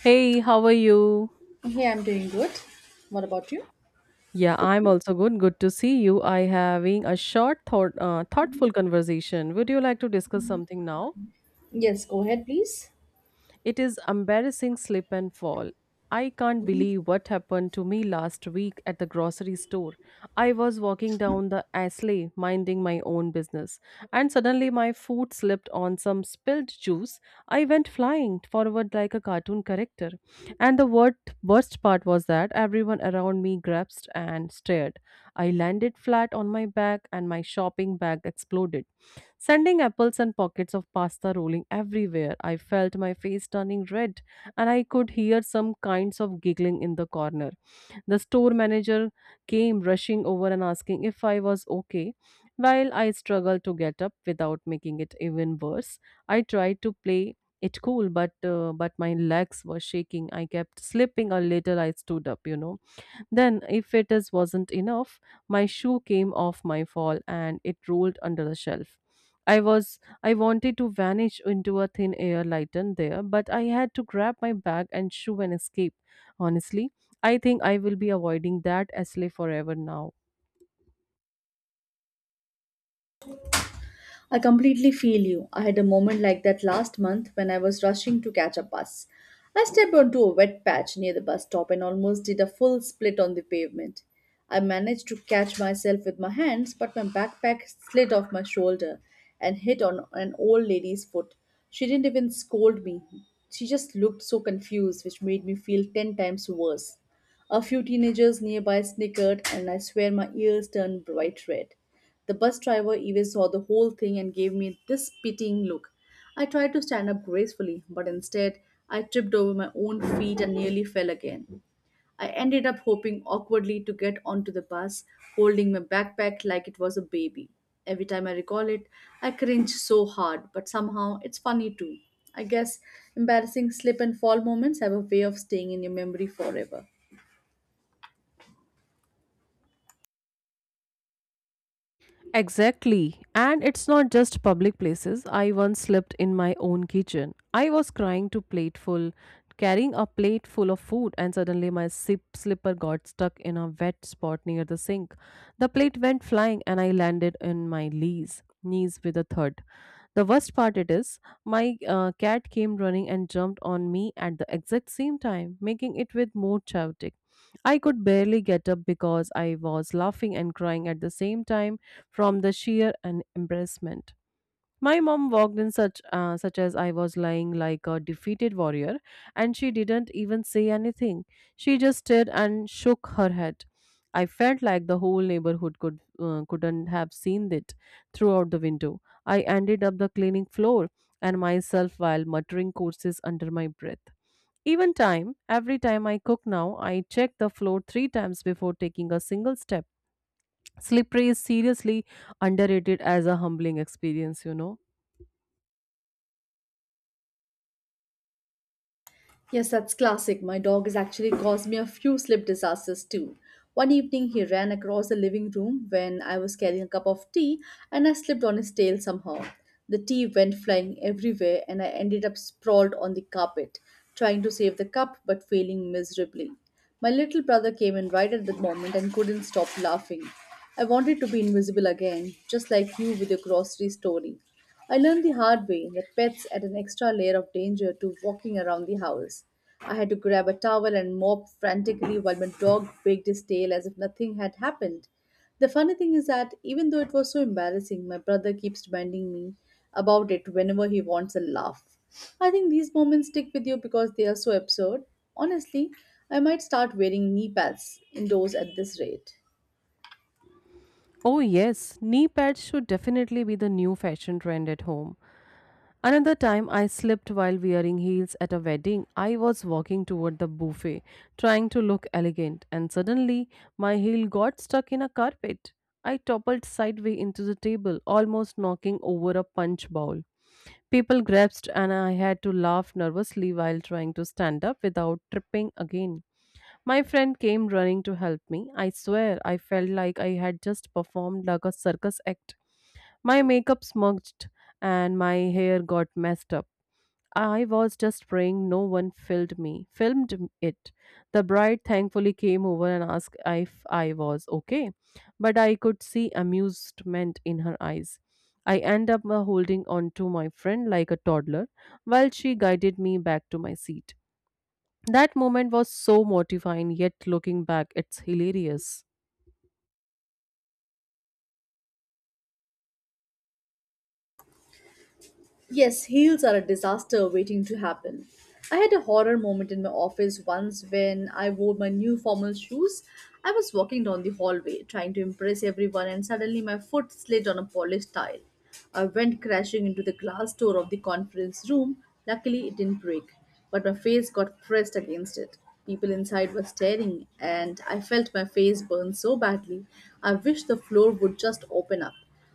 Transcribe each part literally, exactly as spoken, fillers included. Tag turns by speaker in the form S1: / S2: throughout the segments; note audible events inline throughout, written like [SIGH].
S1: Hey, how are you?
S2: Hey, I'm doing good. What about you?
S1: Yeah, I'm also good. Good to see you. I having a short thought uh, thoughtful conversation. Would you like to discuss something now?
S2: Yes, go ahead, please.
S1: It is embarrassing slip and fall. I can't believe what happened to me last week at the grocery store. I was walking down the aisle minding my own business and suddenly my foot slipped on some spilled juice. I went flying forward like a cartoon character. And the word, Worst part was that everyone around me grasped and stared. I landed flat on my back and my shopping bag exploded sending apples and pockets of pasta rolling everywhere. I felt my face turning red, and I could hear some kinds of giggling in the corner. The store manager came rushing over and asking if I was okay. While I struggled to get up without making it even worse, I tried to play it cool but uh, but my legs were shaking, I kept slipping a little, i stood up you know Then, if it is wasn't enough, my shoe came off my fall and it rolled under the shelf. I was I wanted to vanish into a thin air lighten there, but I had to grab my bag and shoe and escape. Honestly, I think I will be avoiding that Ashley forever now.
S2: I completely feel you. I had a moment like that last month when I was rushing to catch a bus. I stepped onto a wet patch near the bus stop and almost did a full split on the pavement. I managed to catch myself with my hands, but my backpack slid off my shoulder and hit on an old lady's foot. She didn't even scold me. She just looked so confused, which made me feel ten times worse. A few teenagers nearby snickered, and I swear my ears turned bright red. The bus driver even saw the whole thing and gave me this pitying look. I tried to stand up gracefully, but instead I tripped over my own feet and nearly fell again. I ended up hoping awkwardly to get onto the bus, holding my backpack like it was a baby. Every time I recall it, I cringe so hard, but somehow it's funny too. I guess embarrassing slip and fall moments have a way of staying in your memory forever.
S1: Exactly. And it's not just public places. I once slept in my own kitchen. I was crying to plateful, Carrying a plate full of food, and suddenly my sip slipper got stuck in a wet spot near the sink. The plate went flying and I landed in my knees, knees with a thud. The worst part it is, my uh, cat came running and jumped on me at the exact same time, making it with more chaotic. I could barely get up because I was laughing and crying at the same time from the sheer and embarrassment. My mom walked in such uh, such as I was lying like a defeated warrior and she didn't even say anything. She just stared and shook her head. I felt like the whole neighborhood could uh, couldn't have seen it throughout the window. I ended up the cleaning floor and myself while muttering curses under my breath. Even time, every time I cook now, I check the floor three times before taking a single step. Slippery is seriously underrated as a humbling experience, you know.
S2: Yes, that's classic. My dog has actually caused me a few slip disasters too. One evening, he ran across the living room when I was carrying a cup of tea and I slipped on his tail somehow. The tea went flying everywhere and I ended up sprawled on the carpet, trying to save the cup but failing miserably. My little brother came in right at that moment and couldn't stop laughing. I wanted to be invisible again, just like you with your grocery story. I learned the hard way that pets add an extra layer of danger to walking around the house. I had to grab a towel and mop frantically while my dog wagged his tail as if nothing had happened. The funny thing is that even though it was so embarrassing, my brother keeps reminding me about it whenever he wants a laugh. I think these moments stick with you because they are so absurd. Honestly, I might start wearing knee pads indoors at this rate.
S1: Oh, yes, knee pads should definitely be the new fashion trend at home. Another time I slipped while wearing heels at a wedding. I was walking toward the buffet, trying to look elegant, and suddenly my heel got stuck in a carpet. I toppled sideways into the table, almost knocking over a punch bowl. People grasped, and I had to laugh nervously while trying to stand up without tripping again. My friend came running to help me. I swear I felt like I had just performed like a circus act. My makeup smudged and my hair got messed up. I was just praying no one filmed me. Filmed m- it. The bride thankfully came over and asked if I was okay, but I could see amusement in her eyes. I end up uh, Holding on to my friend like a toddler while she guided me back to my seat. That moment was so mortifying, yet looking back, it's hilarious.
S2: Yes, heels are a disaster waiting to happen. I had a horror moment in my office once when I wore my new formal shoes. I was walking down the hallway trying to impress everyone, and suddenly my foot slid on a polished tile. I went crashing into the glass door of the conference room. Luckily, it didn't break, but my face got pressed against it. People inside were staring, and I felt my face burn so badly. I wished the floor would just open up.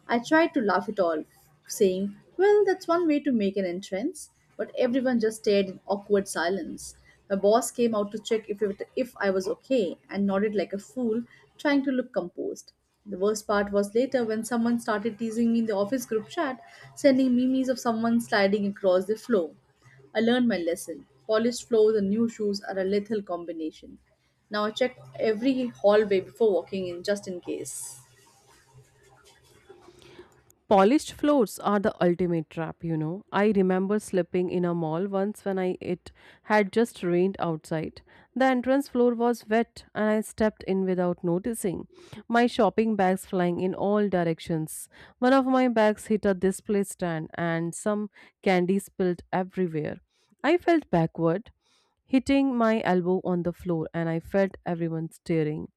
S2: I tried to laugh it all, saying, "Well, that's one way to make an entrance." But everyone just stared in awkward silence. My boss came out to check if, it, if I was okay and nodded like a fool, trying to look composed. The worst part was later when someone started teasing me in the office group chat, sending memes of someone sliding across the floor. I learned my lesson. Polished floors and new shoes are a lethal combination. Now I check every hallway before walking in just in case.
S1: Polished floors are the ultimate trap, you know. I remember slipping in a mall once when I it had just rained outside. The entrance floor was wet and I stepped in without noticing. My shopping bags flying in all directions. One of my bags hit a display stand and some candy spilled everywhere. I felt backward, hitting my elbow on the floor and I felt everyone staring.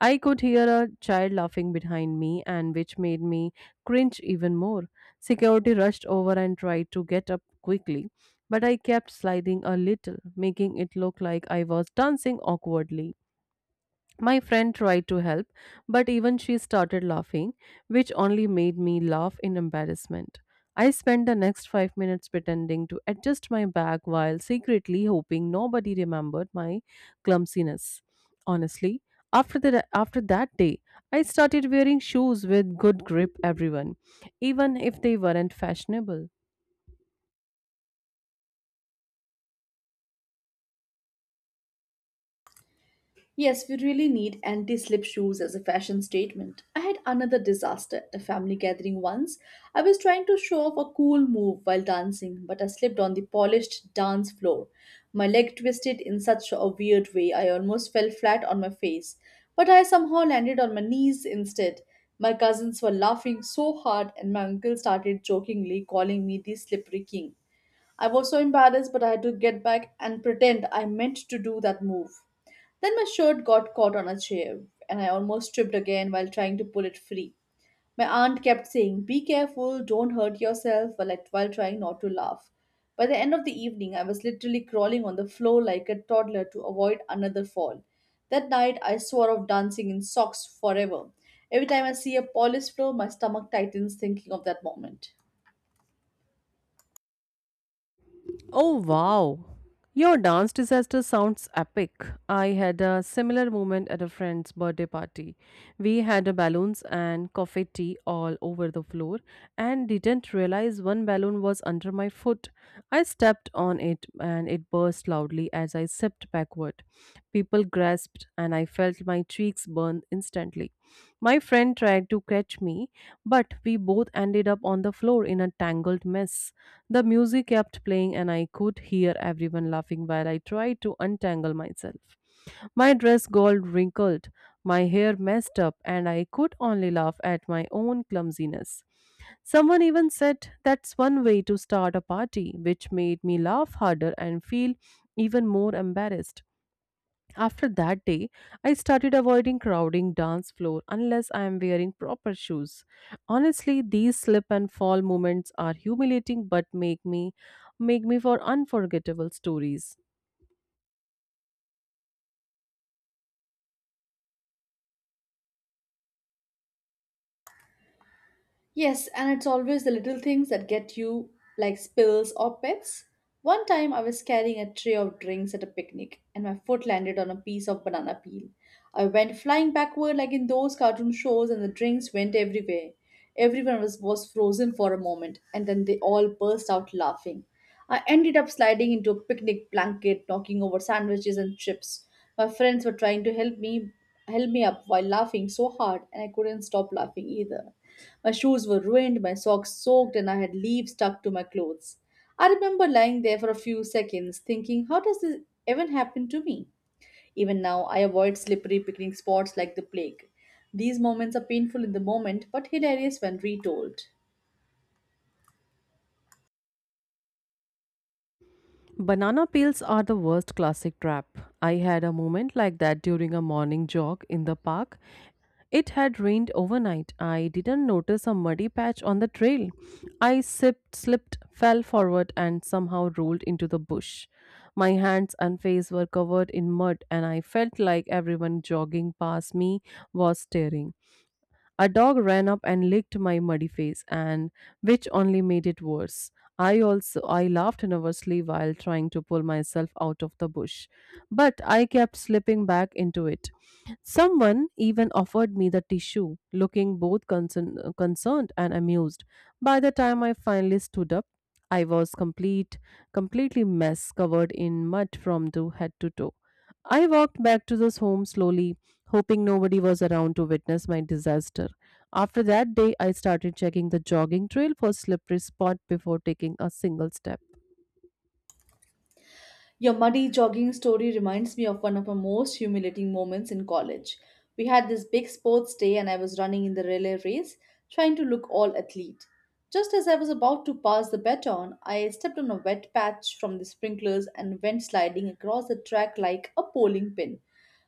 S1: I could hear a child laughing behind me, and which made me cringe even more. Security rushed over and tried to get up quickly, but I kept sliding a little, making it look like I was dancing awkwardly. My friend tried to help, but even she started laughing, which only made me laugh in embarrassment. I spent the next five minutes pretending to adjust my bag while secretly hoping nobody remembered my clumsiness. Honestly, after the, after that day, I started wearing shoes with good grip everyone, even if they weren't fashionable.
S2: Yes, we really need anti slip shoes as a fashion statement. I had another disaster at a family gathering once. I was trying to show off a cool move while dancing, but I slipped on the polished dance floor. My leg twisted in such a weird way, I almost fell flat on my face. But I somehow landed on my knees instead. My cousins were laughing so hard, and my uncle started jokingly calling me the slippery king. I was so embarrassed, but I had to get back and pretend I meant to do that move. Then my shirt got caught on a chair, and I almost tripped again while trying to pull it free. My aunt kept saying, "Be careful, don't hurt yourself," while, I- while trying not to laugh. By the end of the evening, I was literally crawling on the floor like a toddler to avoid another fall. That night, I swore off dancing in socks forever. Every time I see a polished floor, my stomach tightens thinking of that moment.
S1: Oh wow. Your dance disaster sounds epic. I had a similar moment at a friend's birthday party. We had a balloons and confetti all over the floor and didn't realize one balloon was under my foot. I stepped on it and it burst loudly as I stepped backward. People grasped and I felt my cheeks burn instantly. My friend tried to catch me, but we both ended up on the floor in a tangled mess. The music kept playing, and I could hear everyone laughing while I tried to untangle myself. My dress got wrinkled, my hair messed up, and I could only laugh at my own clumsiness. Someone even said that's one way to start a party, which made me laugh harder and feel even more embarrassed. After that day, I started avoiding crowding dance floor unless I am wearing proper shoes. Honestly, these slip and fall moments are humiliating but make me make me for unforgettable stories.
S2: Yes, and it's always the little things that get you, like spills or pets. One time I was carrying a tray of drinks at a picnic and my foot landed on a piece of banana peel. I went flying backward like in those cartoon shows and the drinks went everywhere. Everyone was, was frozen for a moment and then they all burst out laughing. I ended up sliding into a picnic blanket, knocking over sandwiches and chips. My friends were trying to help me help me up while laughing so hard and I couldn't stop laughing either. My shoes were ruined, my socks soaked, and I had leaves stuck to my clothes. I remember lying there for a few seconds thinking, how does this even happen to me? Even now, I avoid slippery picnic spots like the plague. These moments are painful in the moment but hilarious when retold.
S1: Banana peels are the worst classic trap. I had a moment like that during a morning jog in the park. It had rained overnight. I didn't notice a muddy patch on the trail. I sipped, slipped, fell forward, and somehow rolled into the bush. My hands and face were covered in mud, and I felt like everyone jogging past me was staring. A dog ran up and licked my muddy face, and which only made it worse. I also I laughed nervously while trying to pull myself out of the bush, but I kept slipping back into it. Someone even offered me the tissue, looking both concern, concerned and amused. By the time I finally stood up, I was complete completely mess covered in mud from to head to toe. I walked back to this home slowly, hoping nobody was around to witness my disaster. After that day, I started checking the jogging trail for slippery spot before taking a single step.
S2: Your muddy jogging story reminds me of one of my most humiliating moments in college. We had this big sports day, and I was running in the relay race, trying to look all athlete. Just as I was about to pass the baton, I stepped on a wet patch from the sprinklers and went sliding across the track like a bowling pin.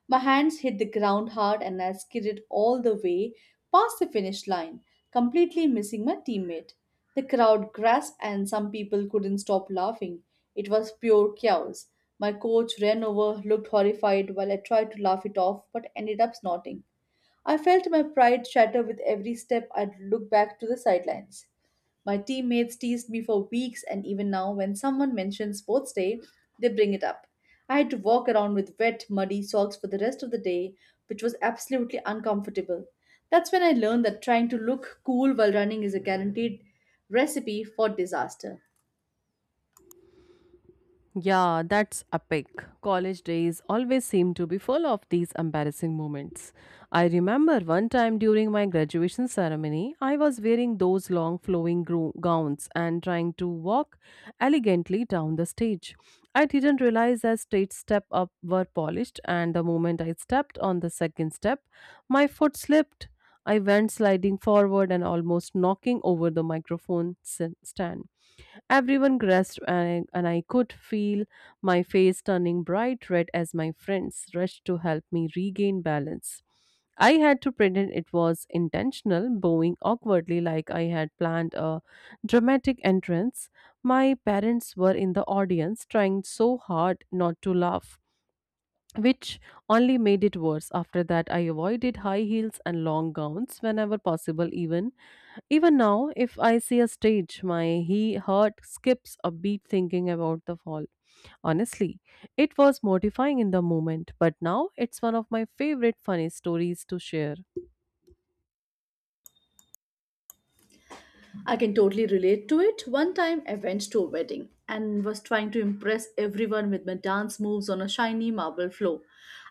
S2: My hands hit the ground hard and I skidded all the way past the finish line, completely missing my teammate. The crowd gasped and some people couldn't stop laughing. It was pure chaos. My coach ran over, looked horrified while I tried to laugh it off but ended up snorting. I felt my pride shatter with every step I looked back to the sidelines. My teammates teased me for weeks, and even now, when someone mentions sports day, they bring it up. I had to walk around with wet, muddy socks for the rest of the day, which was absolutely uncomfortable. That's when I learned that trying to look cool while running is a guaranteed recipe for disaster.
S1: Yeah, that's epic. College days always seem to be full of these embarrassing moments. I remember one time during my graduation ceremony, I was wearing those long flowing gro- gowns and trying to walk elegantly down the stage. I didn't realize that stage step up were polished and the moment I stepped on the second step, my foot slipped. I went sliding forward and almost knocking over the microphone s- stand. Everyone grasped, and I, and I could feel my face turning bright red as my friends rushed to help me regain balance. I had to pretend it was intentional, bowing awkwardly like I had planned a dramatic entrance. My parents were in the audience, trying so hard not to laugh which only made it worse. After that, I avoided high heels and long gowns whenever possible. Even even now, if I see a stage, my he heart skips a beat thinking about the fall. Honestly, it was mortifying in the moment, but now it's one of my favorite funny stories to share.
S2: I can totally relate to it. One time I went to a wedding and was trying to impress everyone with my dance moves on a shiny marble floor.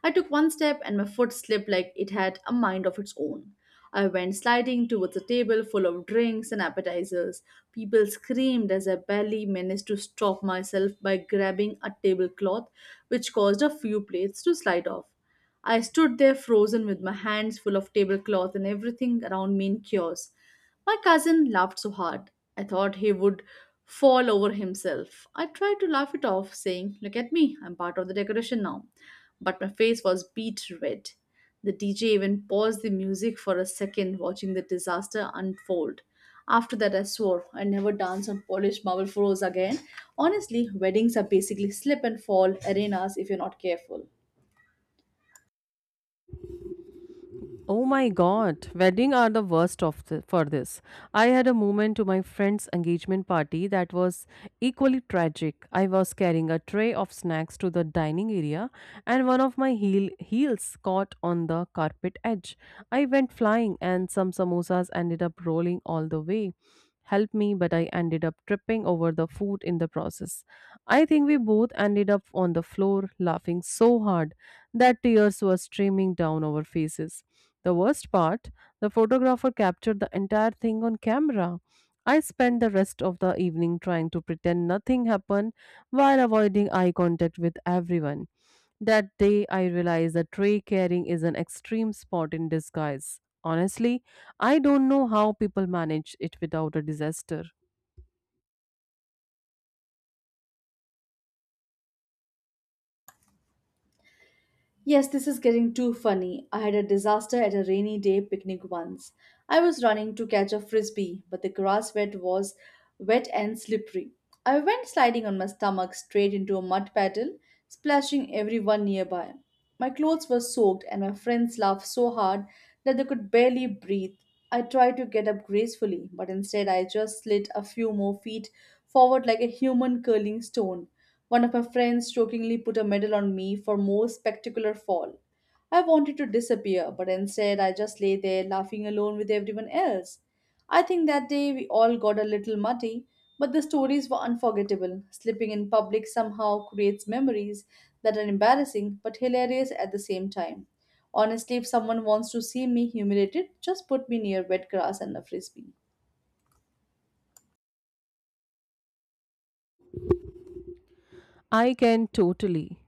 S2: I took one step and my foot slipped like it had a mind of its own. I went sliding towards a table full of drinks and appetizers. People screamed as I barely managed to stop myself by grabbing a tablecloth, which caused a few plates to slide off. I stood there frozen with my hands full of tablecloth and everything around me in chaos. My cousin laughed so hard, I thought he would fall over himself. I tried to laugh it off, saying, "Look at me, I'm part of the decoration now." But my face was beet red. The D J even paused the music for a second, watching the disaster unfold. After that, I swore I never dance on polished marble floors again. Honestly, weddings are basically slip and fall arenas if you're not careful.
S1: Oh my god, wedding are the worst of the, for this. I had a moment to my friend's engagement party that was equally tragic. I was carrying a tray of snacks to the dining area and one of my heel, heels caught on the carpet edge. I went flying and some samosas ended up rolling all the way. Help me, but I ended up tripping over the food in the process. I think we both ended up on the floor laughing so hard that tears were streaming down our faces. The worst part, the photographer captured the entire thing on camera. I spent the rest of the evening trying to pretend nothing happened while avoiding eye contact with everyone. That day, I realized that tray carrying is an extreme sport in disguise. Honestly, I don't know how people manage it without a disaster.
S2: Yes, this is getting too funny. I had a disaster at a rainy day picnic once. I was running to catch a frisbee, but the grass bed was wet and slippery. I went sliding on my stomach straight into a mud puddle, splashing everyone nearby. My clothes were soaked, and my friends laughed so hard that they could barely breathe. I tried to get up gracefully, but instead I just slid a few more feet forward like a human curling stone. One of my friends jokingly put a medal on me for most spectacular fall. I wanted to disappear, but instead I just lay there laughing alone with everyone else. I think that day we all got a little muddy, but the stories were unforgettable. Slipping in public somehow creates memories that are embarrassing but hilarious at the same time. Honestly, if someone wants to see me humiliated, just put me near wet grass and a frisbee.
S1: I can totally.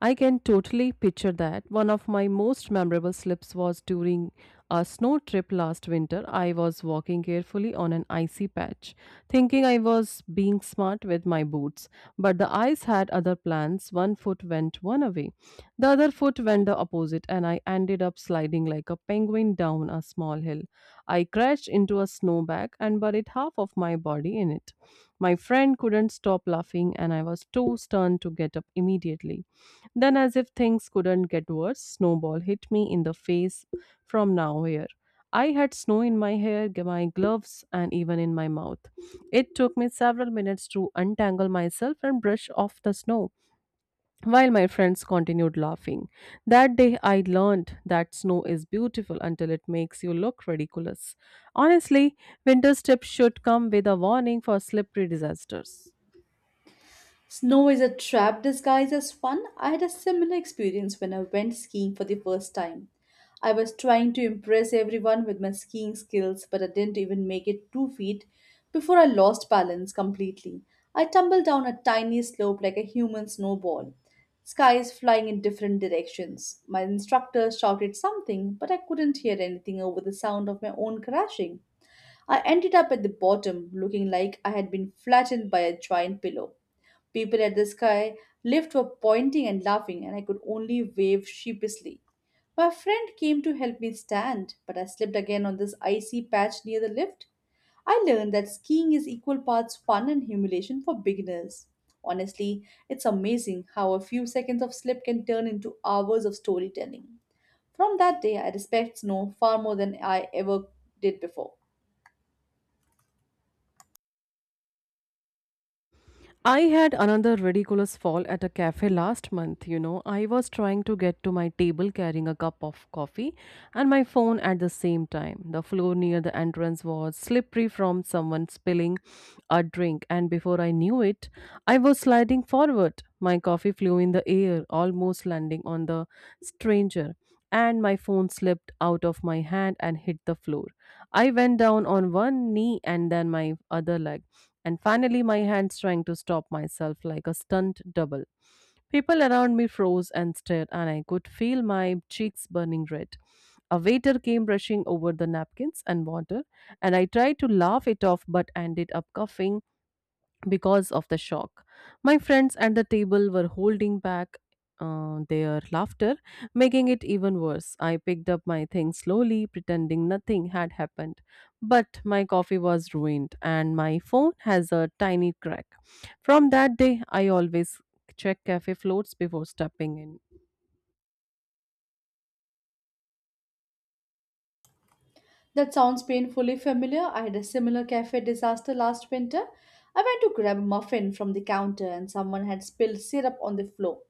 S1: I can totally picture that. One of my most memorable slips was during a snow trip last winter. I was walking carefully on an icy patch, thinking I was being smart with my boots. But the ice had other plans. One foot went one way, the other foot went the opposite, and I ended up sliding like a penguin down a small hill. I crashed into a snowbank and buried half of my body in it. My friend couldn't stop laughing, and I was too stunned to get up immediately. Then, as if things couldn't get worse, snowball hit me in the face from nowhere. I had snow in my hair, g- my gloves, and even in my mouth. It took me several minutes to untangle myself and brush off the snow, while my friends continued laughing. That day, I learned that snow is beautiful until it makes you look ridiculous. Honestly, winter tips should come with a warning for slippery disasters.
S2: Snow is a trap disguised as fun. I had a similar experience when I went skiing for the first time. I was trying to impress everyone with my skiing skills, but I didn't even make it two feet before I lost balance completely. I tumbled down a tiny slope like a human snowball. Skies flying in different directions. My instructor shouted something, but I couldn't hear anything over the sound of my own crashing. I ended up at the bottom, looking like I had been flattened by a giant pillow. People at the sky lift were pointing and laughing, and I could only wave sheepishly. My friend came to help me stand, but I slipped again on this icy patch near the lift. I learned that skiing is equal parts fun and humiliation for beginners. Honestly, it's amazing how a few seconds of slip can turn into hours of storytelling. From that day, I respect snow far more than I ever did before.
S1: I had another ridiculous fall at a cafe last month. You know, I was trying to get to my table carrying a cup of coffee and my phone at the same time. The floor near the entrance was slippery from someone spilling a drink, and before I knew it, I was sliding forward. My coffee flew in the air, almost landing on the stranger, and my phone slipped out of my hand and hit the floor. I went down on one knee and then my other leg and finally my hands trying to stop myself like a stunt double. People around me froze and stared, and I could feel my cheeks burning red. A waiter came rushing over the napkins and water, and I tried to laugh it off but ended up coughing because of the shock. My friends at the table were holding back uh, their laughter, making it even worse. I picked up my things slowly, pretending nothing had happened. But my coffee was ruined, and my phone has a tiny crack. From that day, I always check cafe floats before stepping in.
S2: That sounds painfully familiar. I had a similar cafe disaster last winter. I went to grab a muffin from the counter and someone had spilled syrup on the floor.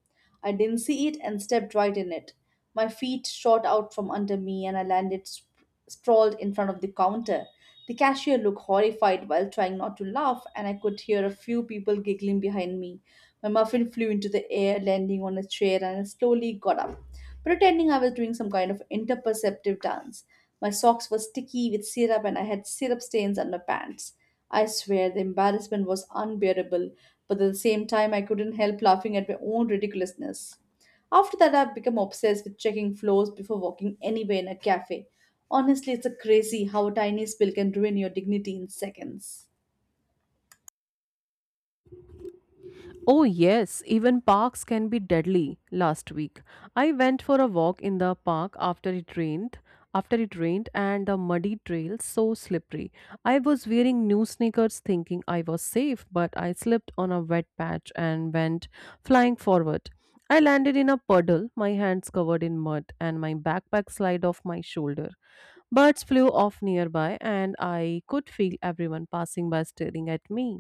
S2: I didn't see it and stepped right in it. My feet shot out from under me and I landed sp- sprawled in front of the counter. The cashier looked horrified while trying not to laugh, and I could hear a few people giggling behind me. My muffin flew into the air, landing on a chair, and I slowly got up, pretending I was doing some kind of interperceptive dance. My socks were sticky with syrup, and I had syrup stains on my pants. I swear the embarrassment was unbearable, but at the same time, I couldn't help laughing at my own ridiculousness. After that, I've become obsessed with checking floors before walking anywhere in a cafe. Honestly, it's a crazy how a tiny spill can ruin your dignity in seconds.
S1: Oh, yes, even parks can be deadly. Last week, I went for a walk in the park after it rained. After it rained and the muddy trail so slippery. I was wearing new sneakers thinking I was safe, but I slipped on a wet patch and went flying forward. I landed in a puddle, my hands covered in mud and my backpack slid off my shoulder. Birds flew off nearby and I could feel everyone passing by staring at me.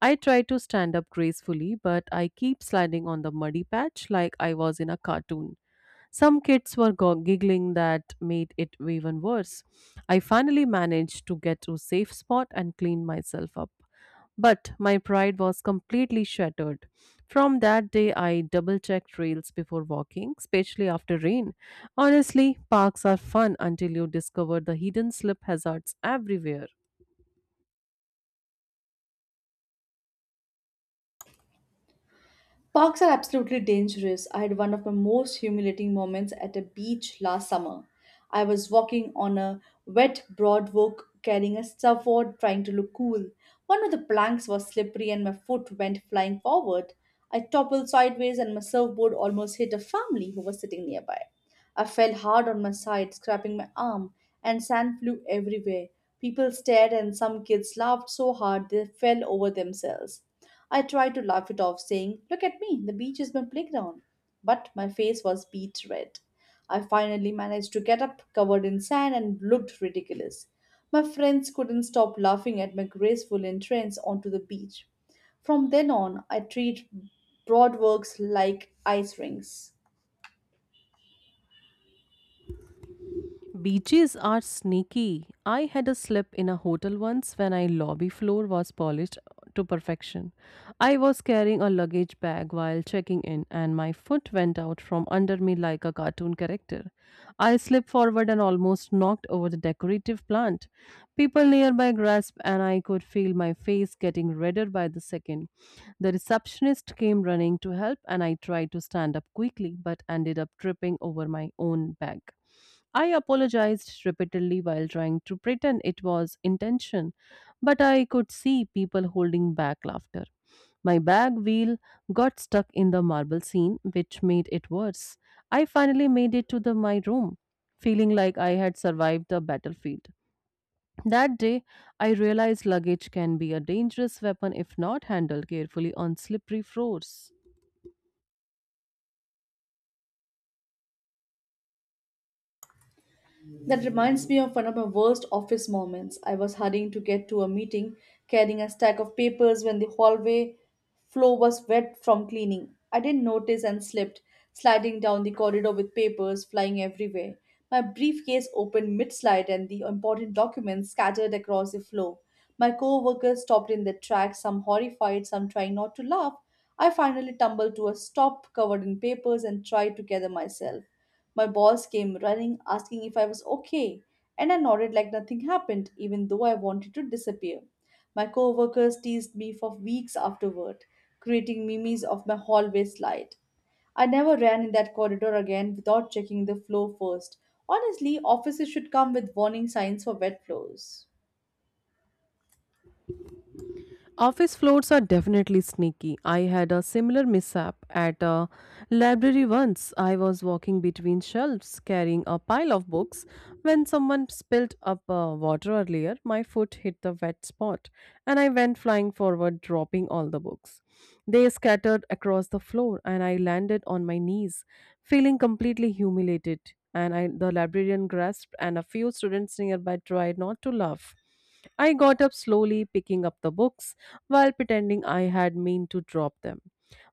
S1: I try to stand up gracefully, but I keep sliding on the muddy patch like I was in a cartoon. Some kids were go- giggling that made it even worse. I finally managed to get to a safe spot and clean myself up. But my pride was completely shattered. From that day, I double checked trails before walking, especially after rain. Honestly, parks are fun until you discover the hidden slip hazards everywhere.
S2: Parks are absolutely dangerous. I had one of my most humiliating moments at a beach last summer. I was walking on a wet, broad walk carrying a surfboard trying to look cool. One of the planks was slippery and my foot went flying forward. I toppled sideways and my surfboard almost hit a family who was sitting nearby. I fell hard on my side, scraping my arm, and sand flew everywhere. People stared and some kids laughed so hard they fell over themselves. I tried to laugh it off, saying, "Look at me, the beach is my playground." But my face was beet red. I finally managed to get up, covered in sand, and looked ridiculous. My friends couldn't stop laughing at my graceful entrance onto the beach. From then on, I treat broad works like ice rings.
S1: Beaches are sneaky. I had a slip in a hotel once when I lobby floor was polished to perfection. I was carrying a luggage bag while checking in, and my foot went out from under me like a cartoon character. I slipped forward and almost knocked over the decorative plant. People nearby grasped, and I could feel my face getting redder by the second. The receptionist came running to help, and I tried to stand up quickly but ended up tripping over my own bag. I apologized repeatedly while trying to pretend it was intention, but I could see people holding back laughter. My bag wheel got stuck in the marble scene, which made it worse. I finally made it to the, my room, feeling like I had survived the battlefield. That day, I realized luggage can be a dangerous weapon if not handled carefully on slippery floors.
S2: That reminds me of one of my worst office moments. I was hurrying to get to a meeting, carrying a stack of papers when the hallway floor was wet from cleaning. I didn't notice and slipped, sliding down the corridor with papers flying everywhere. My briefcase opened mid slide and the important documents scattered across the floor. My co workers stopped in their tracks, some horrified, some trying not to laugh. I finally tumbled to a stop covered in papers and tried to gather myself. My boss came running, asking if I was okay, and I nodded like nothing happened, even though I wanted to disappear. My coworkers teased me for weeks afterward, creating memes of my hallway slide. I never ran in that corridor again without checking the floor first. Honestly, offices should come with warning signs for wet floors.
S1: Office floors are definitely sneaky. I had a similar mishap at a library once. I was walking between shelves carrying a pile of books when someone spilled up uh, water earlier. My foot hit the wet spot and I went flying forward, dropping all the books. They scattered across the floor and I landed on my knees, feeling completely humiliated. And I, the librarian grasped, and a few students nearby tried not to laugh. I got up slowly, picking up the books while pretending I had meant to drop them.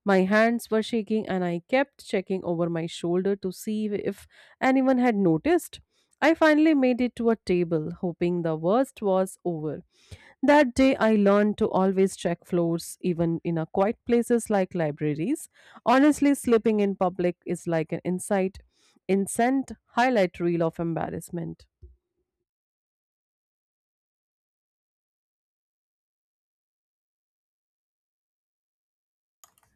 S1: My hands were shaking, and I kept checking over my shoulder to see if anyone had noticed. I finally made it to a table, hoping the worst was over. That day, I learned to always check floors, even in a quiet places like libraries. Honestly, sleeping in public is like an insight, incent highlight reel of embarrassment.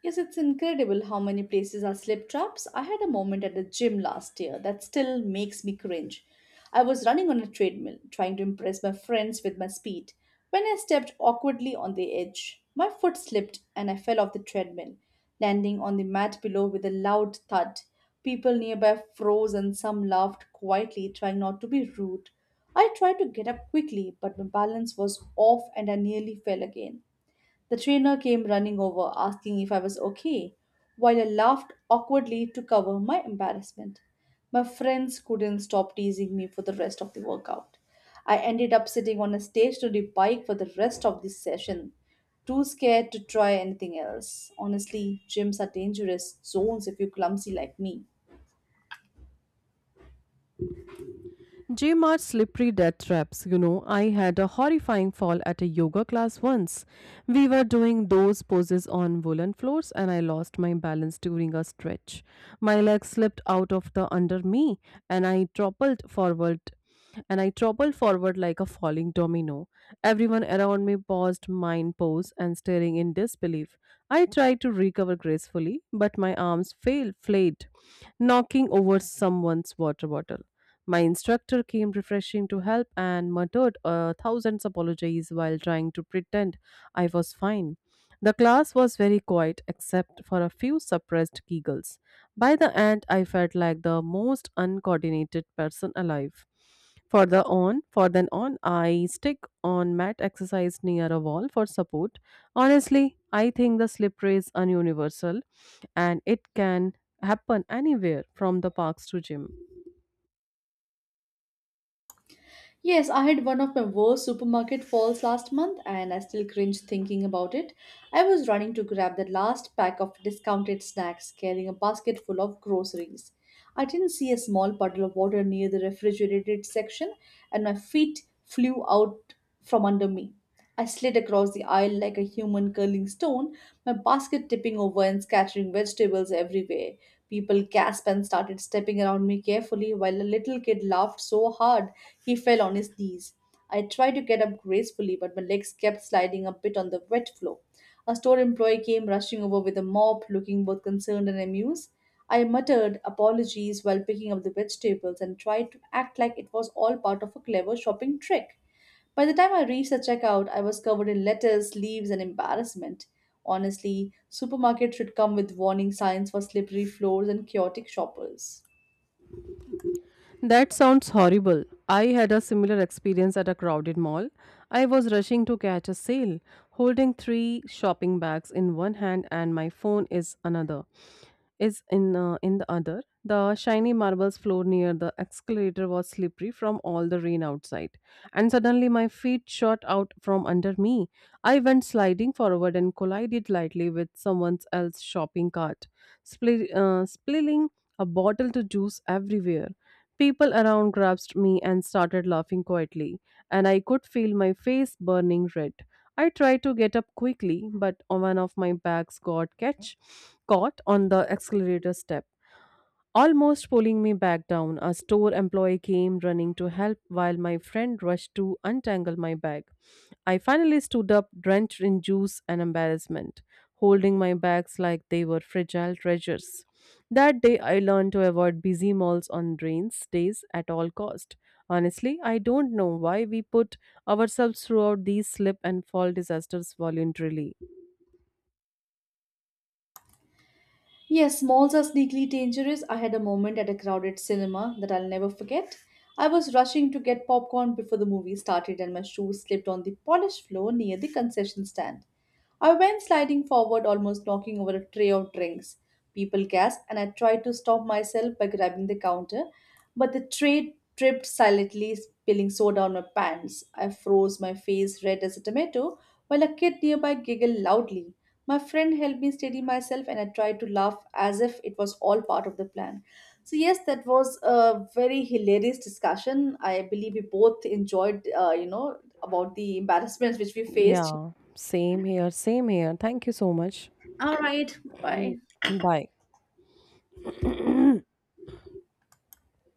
S2: Yes, it's incredible how many places are slip traps. I had a moment at the gym last year that still makes me cringe. I was running on a treadmill, trying to impress my friends with my speed, when I stepped awkwardly on the edge. My foot slipped and I fell off the treadmill, landing on the mat below with a loud thud. People nearby froze and some laughed quietly, trying not to be rude. I tried to get up quickly, but my balance was off and I nearly fell again. The trainer came running over, asking if I was okay, while I laughed awkwardly to cover my embarrassment. My friends couldn't stop teasing me for the rest of the workout. I ended up sitting on a stationary bike for the rest of the session, too scared to try anything else. Honestly, gyms are dangerous zones if you're clumsy like me.
S1: Gym are slippery death traps. You know, I had a horrifying fall at a yoga class once. We were doing those poses on woolen floors and I lost my balance during a stretch. My leg slipped out of the under me and I toppled forward and I toppled forward like a falling domino. Everyone around me paused mind pose and staring in disbelief. I tried to recover gracefully, but my arms failed, flayed, knocking over someone's water bottle. My instructor came refreshing to help and muttered a thousand apologies while trying to pretend I was fine. The class was very quiet except for a few suppressed giggles. By the end, I felt like the most uncoordinated person alive. For the on, for then on, I stick on mat exercise near a wall for support. Honestly, I think the slip race is universal, and it can happen anywhere from the parks to gym.
S2: Yes, I had one of my worst supermarket falls last month and I still cringe thinking about it. I was running to grab the last pack of discounted snacks carrying a basket full of groceries. I didn't see a small puddle of water near the refrigerated section and my feet flew out from under me. I slid across the aisle like a human curling stone, my basket tipping over and scattering vegetables everywhere. People gasped and started stepping around me carefully while a little kid laughed so hard he fell on his knees. I tried to get up gracefully, but my legs kept sliding a bit on the wet floor. A store employee came rushing over with a mop, looking both concerned and amused. I muttered apologies while picking up the vegetables and tried to act like it was all part of a clever shopping trick. By the time I reached the checkout, I was covered in lettuce, leaves, and embarrassment. Honestly, supermarkets should come with warning signs for slippery floors and chaotic shoppers.
S1: That sounds horrible. I had a similar experience at a crowded mall. I was rushing to catch a sale, holding three shopping bags in one hand and my phone is another is in uh, in the other. The shiny marbles floor near the escalator was slippery from all the rain outside, and suddenly my feet shot out from under me. I went sliding forward and collided lightly with someone else's shopping cart, spli- uh, spilling a bottle to juice everywhere. People around grasped me and started laughing quietly, and I could feel my face burning red. I tried to get up quickly, but one of my bags got catch caught on the accelerator step. Almost pulling me back down, a store employee came running to help while my friend rushed to untangle my bag. I finally stood up, drenched in juice and embarrassment, holding my bags like they were fragile treasures. That day I learned to avoid busy malls on rains days at all cost. Honestly, I don't know why we put ourselves throughout these slip and fall disasters voluntarily.
S2: Yes, malls are sneakily dangerous. I had a moment at a crowded cinema that I'll never forget. I was rushing to get popcorn before the movie started, and my shoe slipped on the polished floor near the concession stand. I went sliding forward, almost knocking over a tray of drinks. People gasped, and I tried to stop myself by grabbing the counter, but the tray tripped silently, spilling soda on my pants. I froze, my face red as a tomato, while a kid nearby giggled loudly. My friend helped me steady myself, and I tried to laugh as if it was all part of the plan. So, yes, that was a very hilarious discussion. I believe we both enjoyed, uh, you know, about the embarrassments which we faced.
S1: Yeah, same here, same here. Thank you so much.
S2: All right. Bye.
S1: [CLEARS THROAT] Bye.